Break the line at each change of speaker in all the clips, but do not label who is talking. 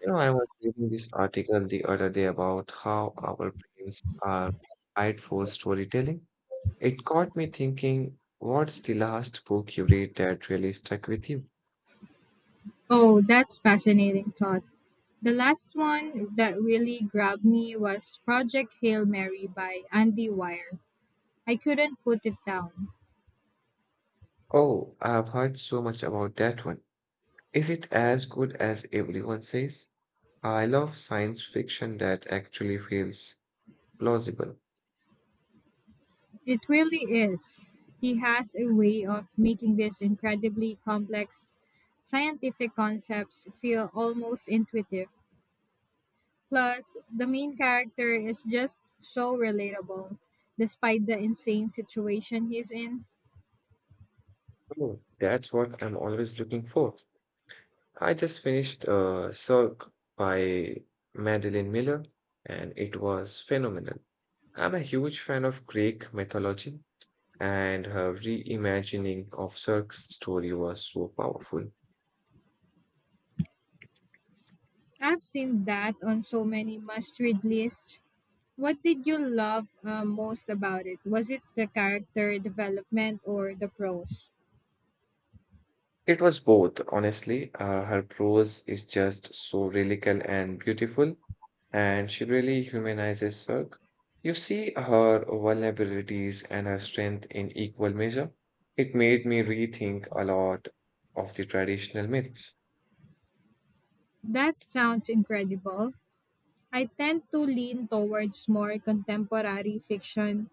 You know, I was reading this article the other day about how our brains are wired for storytelling. It got me thinking, what's the last book you read that really stuck with you?
Oh, that's fascinating thought. The last one that really grabbed me was Project Hail Mary by Andy Weir. I couldn't put it down.
Oh, I've heard so much about that one. Is it as good as everyone says? I love science fiction that actually feels plausible.
It really is. He has a way of making these incredibly complex scientific concepts feel almost intuitive. Plus, the main character is just so relatable, despite the insane situation he's in.
Oh, that's what I'm always looking for. I just finished Cirque by Madeline Miller, and it was phenomenal. I'm a huge fan of Greek mythology, and her reimagining of Cirque's story was so powerful.
I've seen that on so many must read lists. What did you love most about it? Was it the character development or the prose?
It was both, honestly. Her prose is just so lyrical and beautiful, and she really humanizes Cirque. You see her vulnerabilities and her strength in equal measure. It made me rethink a lot of the traditional myths.
That sounds incredible. I tend to lean towards more contemporary fiction,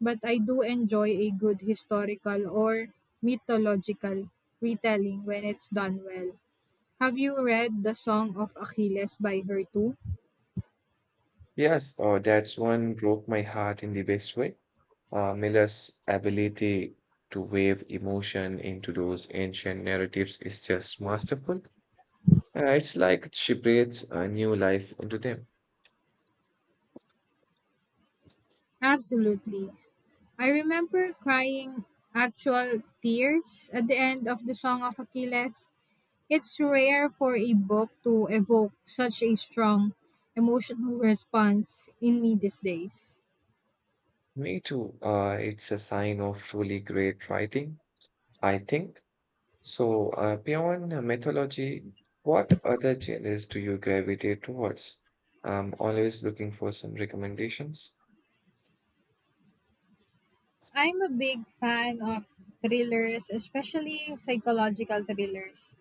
but I do enjoy a good historical or mythological retelling when it's done well. Have you read The Song of Achilles by her too?
Yes, that's one broke my heart in the best way. Miller's ability to wave emotion into those ancient narratives is just masterful. It's like she breathes a new life into them.
Absolutely. I remember crying actual tears at the end of The Song of Achilles. It's rare for a book to evoke such a strong emotional response in me these days.
Me too. It's a sign of truly great writing, I think. So, beyond mythology, what other genres do you gravitate towards? I'm always looking for some recommendations.
I'm a big fan of thrillers, especially psychological thrillers.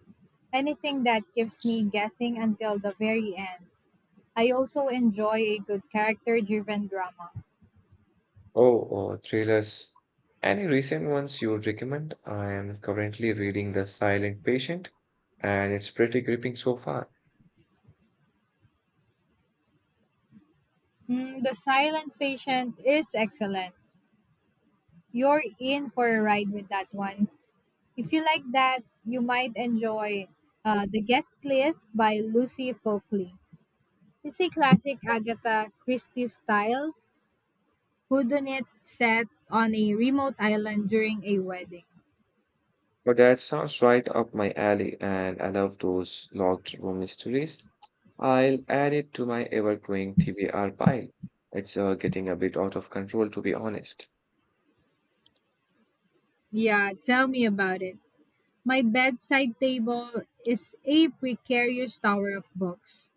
Anything that keeps me guessing until the very end. I also enjoy a good character driven drama.
Oh, or thrillers. Any recent ones you would recommend? I am currently reading The Silent Patient, and it's pretty gripping so far.
Mm, the Silent Patient is excellent. You're in for a ride with that one. If you like that, you might enjoy The Guest List by Lucy Folkley. It's a classic Agatha Christie style whodunit set on a remote island during a wedding.
But that sounds right up my alley, and I love those locked room mysteries. I'll add it to my ever-growing TBR pile. It's getting a bit out of control, to be honest.
Yeah, tell me about it. My bedside table is a precarious tower of books.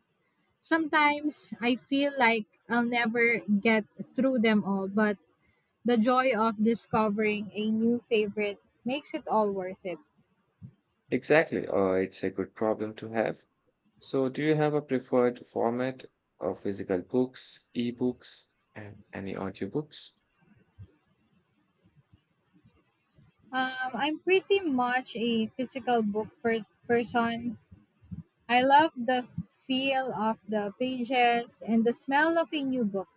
Sometimes I feel like I'll never get through them all, but the joy of discovering a new favorite makes it all worth it.
Exactly, it's a good problem to have. So, do you have a preferred format of physical books, ebooks, and any audiobooks?
I'm pretty much a physical book first person. I love the feel of the pages and the smell of a new book.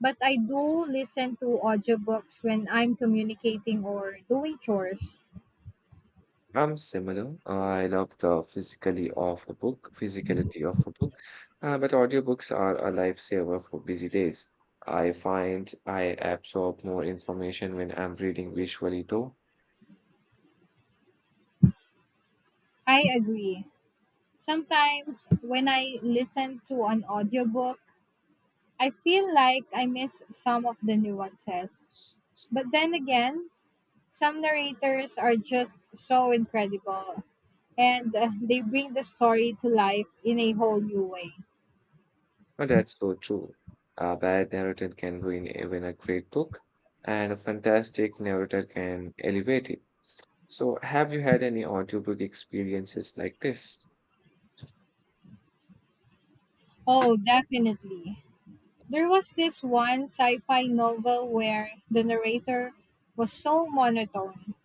But I do listen to audiobooks when I'm communicating or doing chores.
I'm similar. I love the physically of a book, physicality of a book, but audiobooks are a lifesaver for busy days. I find I absorb more information when I'm reading visually, though.
I agree. Sometimes when I listen to an audiobook, I feel like I miss some of the nuances. But then again, some narrators are just so incredible, and they bring the story to life in a whole new way.
And that's so true. A bad narrator can ruin even a great book, and a fantastic narrator can elevate it. So, have you had any audiobook experiences like this?
Oh, definitely. There was this one sci fi novel where the narrator was so monotone.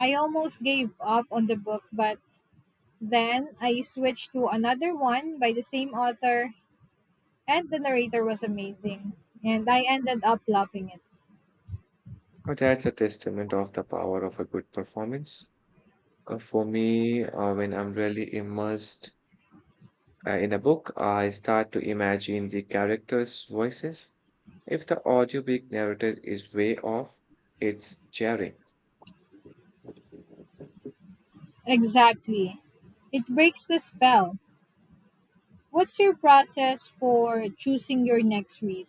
I almost gave up on the book, but then I switched to another one by the same author, and the narrator was amazing. And I ended up loving it.
Well, that's a testament of the power of a good performance. For me, when I'm really immersed in a book, I start to imagine the characters' voices. If the audiobook narrative is way off, it's jarring.
Exactly. It breaks the spell. What's your process for choosing your next read?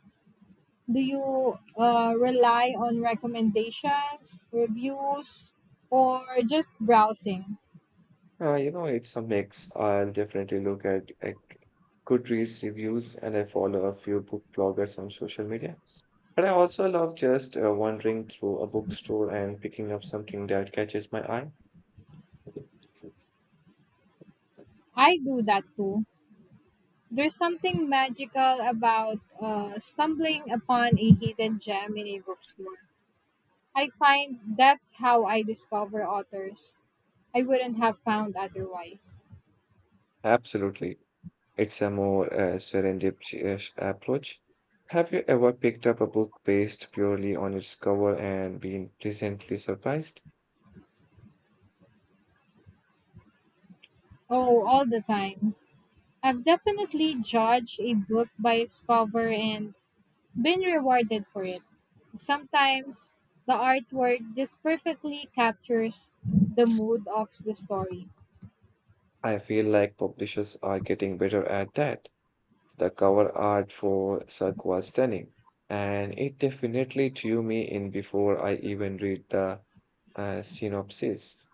Do you rely on recommendations, reviews, or just browsing?
You know, it's a mix. I'll definitely look at Goodreads reviews and I follow a few book bloggers on social media. But I also love just wandering through a bookstore and picking up something that catches my eye.
I do that too. There's something magical about stumbling upon a hidden gem in a bookstore. I find that's how I discover authors I wouldn't have found otherwise.
Absolutely. It's a more serendipitous approach. Have you ever picked up a book based purely on its cover and been pleasantly surprised?
Oh, all the time. I've definitely judged a book by its cover and been rewarded for it. Sometimes the artwork just perfectly captures the mood of the story.
I feel like publishers are getting better at that. The cover art for Cirque was stunning, and it definitely drew me in before I even read the synopsis.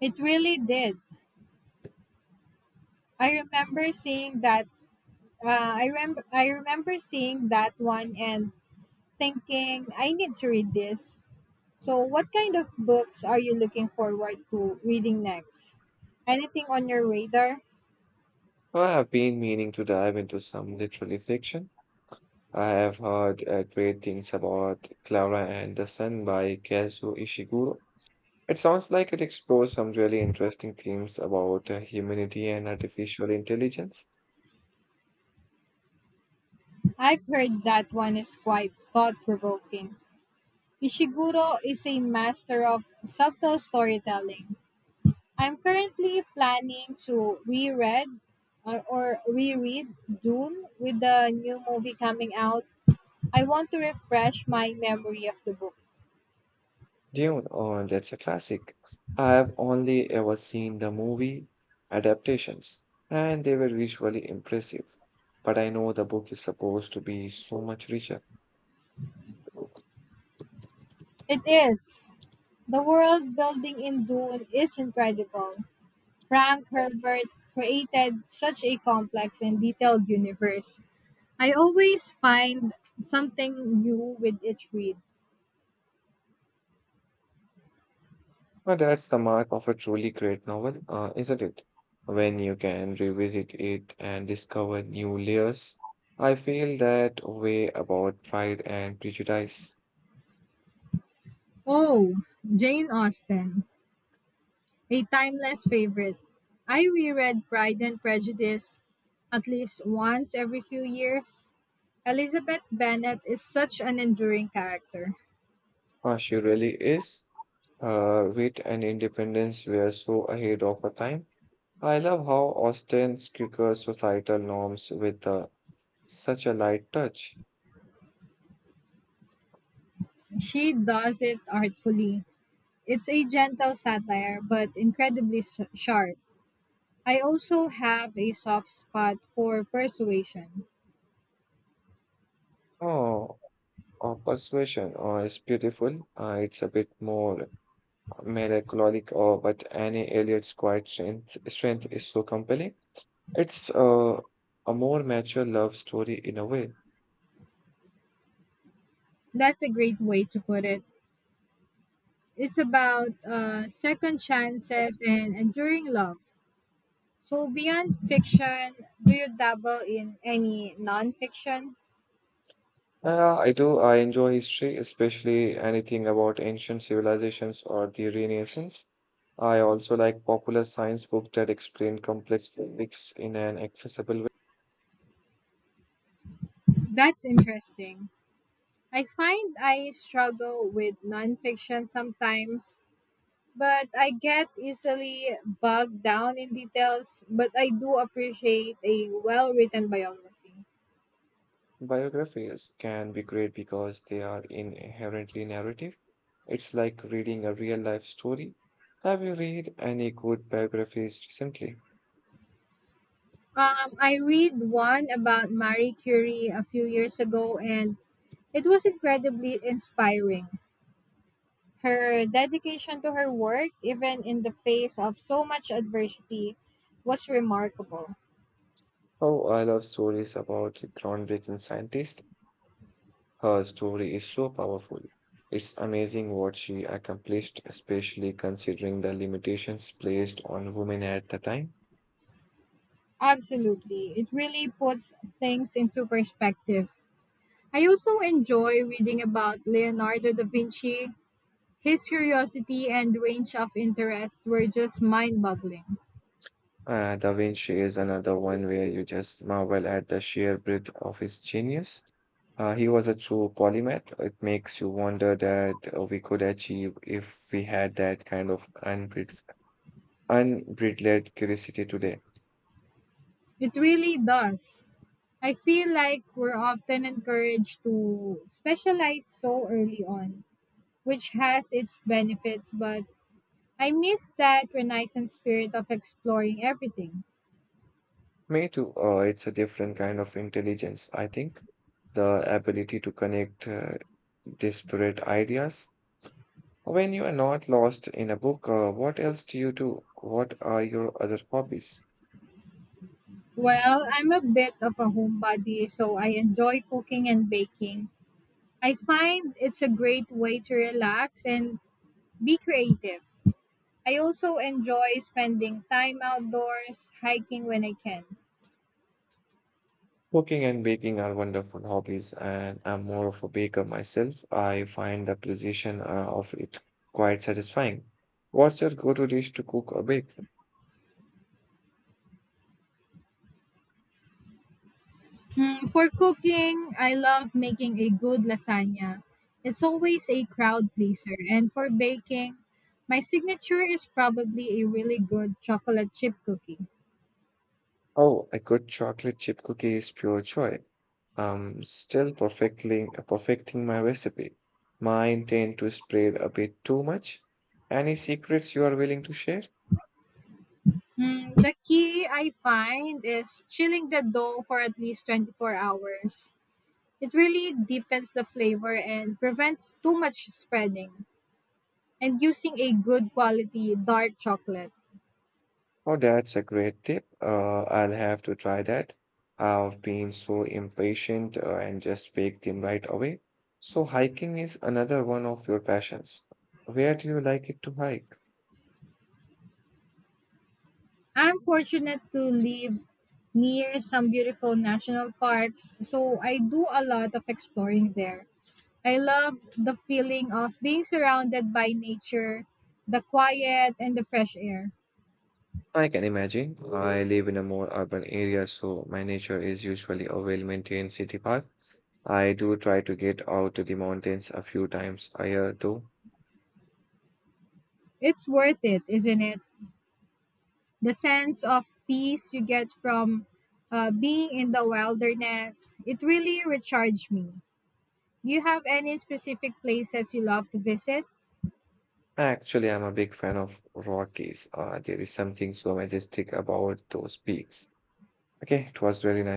It really did. I remember seeing that. I remember seeing that one and thinking I need to read this. So, what kind of books are you looking forward to reading next? Anything on your radar?
I have been meaning to dive into some literary fiction. I have heard great things about Clara and the Sun by Kazuo Ishiguro. It sounds like it explores some really interesting themes about humanity and artificial intelligence.
I've heard that one is quite thought provoking. Ishiguro is a master of subtle storytelling. I'm currently planning to reread Dune with the new movie coming out. I want to refresh my memory of the book.
Dune, oh, that's a classic. I have only ever seen the movie adaptations, and they were visually impressive. But I know the book is supposed to be so much richer.
It is. The world building in Dune is incredible. Frank Herbert created such a complex and detailed universe. I always find something new with each read.
Well, that's the mark of a truly great novel, isn't it? When you can revisit it and discover new layers. I feel that way about Pride and Prejudice.
Oh, Jane Austen. A timeless favorite. I reread Pride and Prejudice at least once every few years. Elizabeth Bennet is such an enduring character.
She really is. Wit and independence were so ahead of our time. I love how Austen skewers societal norms with such a light touch.
She does it artfully. It's a gentle satire, but incredibly sharp. I also have a soft spot for persuasion.
Oh, or persuasion, oh, it's beautiful. It's a bit more melancholic, oh, but Annie Elliot's quiet strength is so compelling. It's a more mature love story in a way.
That's a great way to put it. It's about second chances and enduring love. So, beyond fiction, do you dabble in any nonfiction?
I do. I enjoy history, especially anything about ancient civilizations or the Renaissance. I also like popular science books that explain complex topics in an accessible way.
That's interesting. I find I struggle with nonfiction sometimes, but I get easily bogged down in details. But I do appreciate a well written biography.
Biographies can be great because they are inherently narrative. It's like reading a real life story. Have you read any good biographies recently?
I read one about Marie Curie a few years ago, and it was incredibly inspiring. Her dedication to her work, even in the face of so much adversity, was remarkable.
Oh, I love stories about groundbreaking scientists. Her story is so powerful. It's amazing what she accomplished, especially considering the limitations placed on women at the time.
Absolutely. It really puts things into perspective. I also enjoy reading about Leonardo da Vinci. His curiosity and range of interest were just mind boggling.
Da Vinci is another one where you just marvel at the sheer breadth of his genius. He was a true polymath. It makes you wonder that we could achieve if we had that kind of unbridled curiosity today.
It really does. I feel like we're often encouraged to specialize so early on, which has its benefits, but I miss that renaissance spirit of exploring everything.
Me too. It's a different kind of intelligence, I think. The ability to connect disparate ideas. When you are not lost in a book, what else do you do? What are your other hobbies?
Well, I'm a bit of a homebody, so I enjoy cooking and baking. I find it's a great way to relax and be creative. I also enjoy spending time outdoors, hiking when I can.
Cooking and baking are wonderful hobbies, and I'm more of a baker myself. I find the precision of it quite satisfying. What's your go-to dish to cook or bake?
Hmm, for cooking, I love making a good lasagna. It's always a crowd pleaser. And for baking, my signature is probably a really good chocolate chip cookie.
Oh, a good chocolate chip cookie is pure joy. I'm still perfectly perfecting my recipe. Mine tend to spread a bit too much. Any secrets you are willing to share?
Mm, the key I find is chilling the dough for at least 24 hours. It really deepens the flavor and prevents too much spreading, and using a good quality dark chocolate.
Oh, that's a great tip. I'll have to try that. I've been so impatient and just baked them right away. So hiking is another one of your passions. Where do you like it to hike?
I'm fortunate to live near some beautiful national parks, so I do a lot of exploring there. I love the feeling of being surrounded by nature, the quiet, and the fresh air.
I can imagine. I live in a more urban area, so my nature is usually a well-maintained city park. I do try to get out to the mountains a few times a year, though.
It's worth it, isn't it? The sense of peace you get from being in the wilderness, it really recharged me. Do you have any specific places you love to visit?
Actually, I'm a big fan of Rockies. There is something so majestic about those peaks. Okay, it was very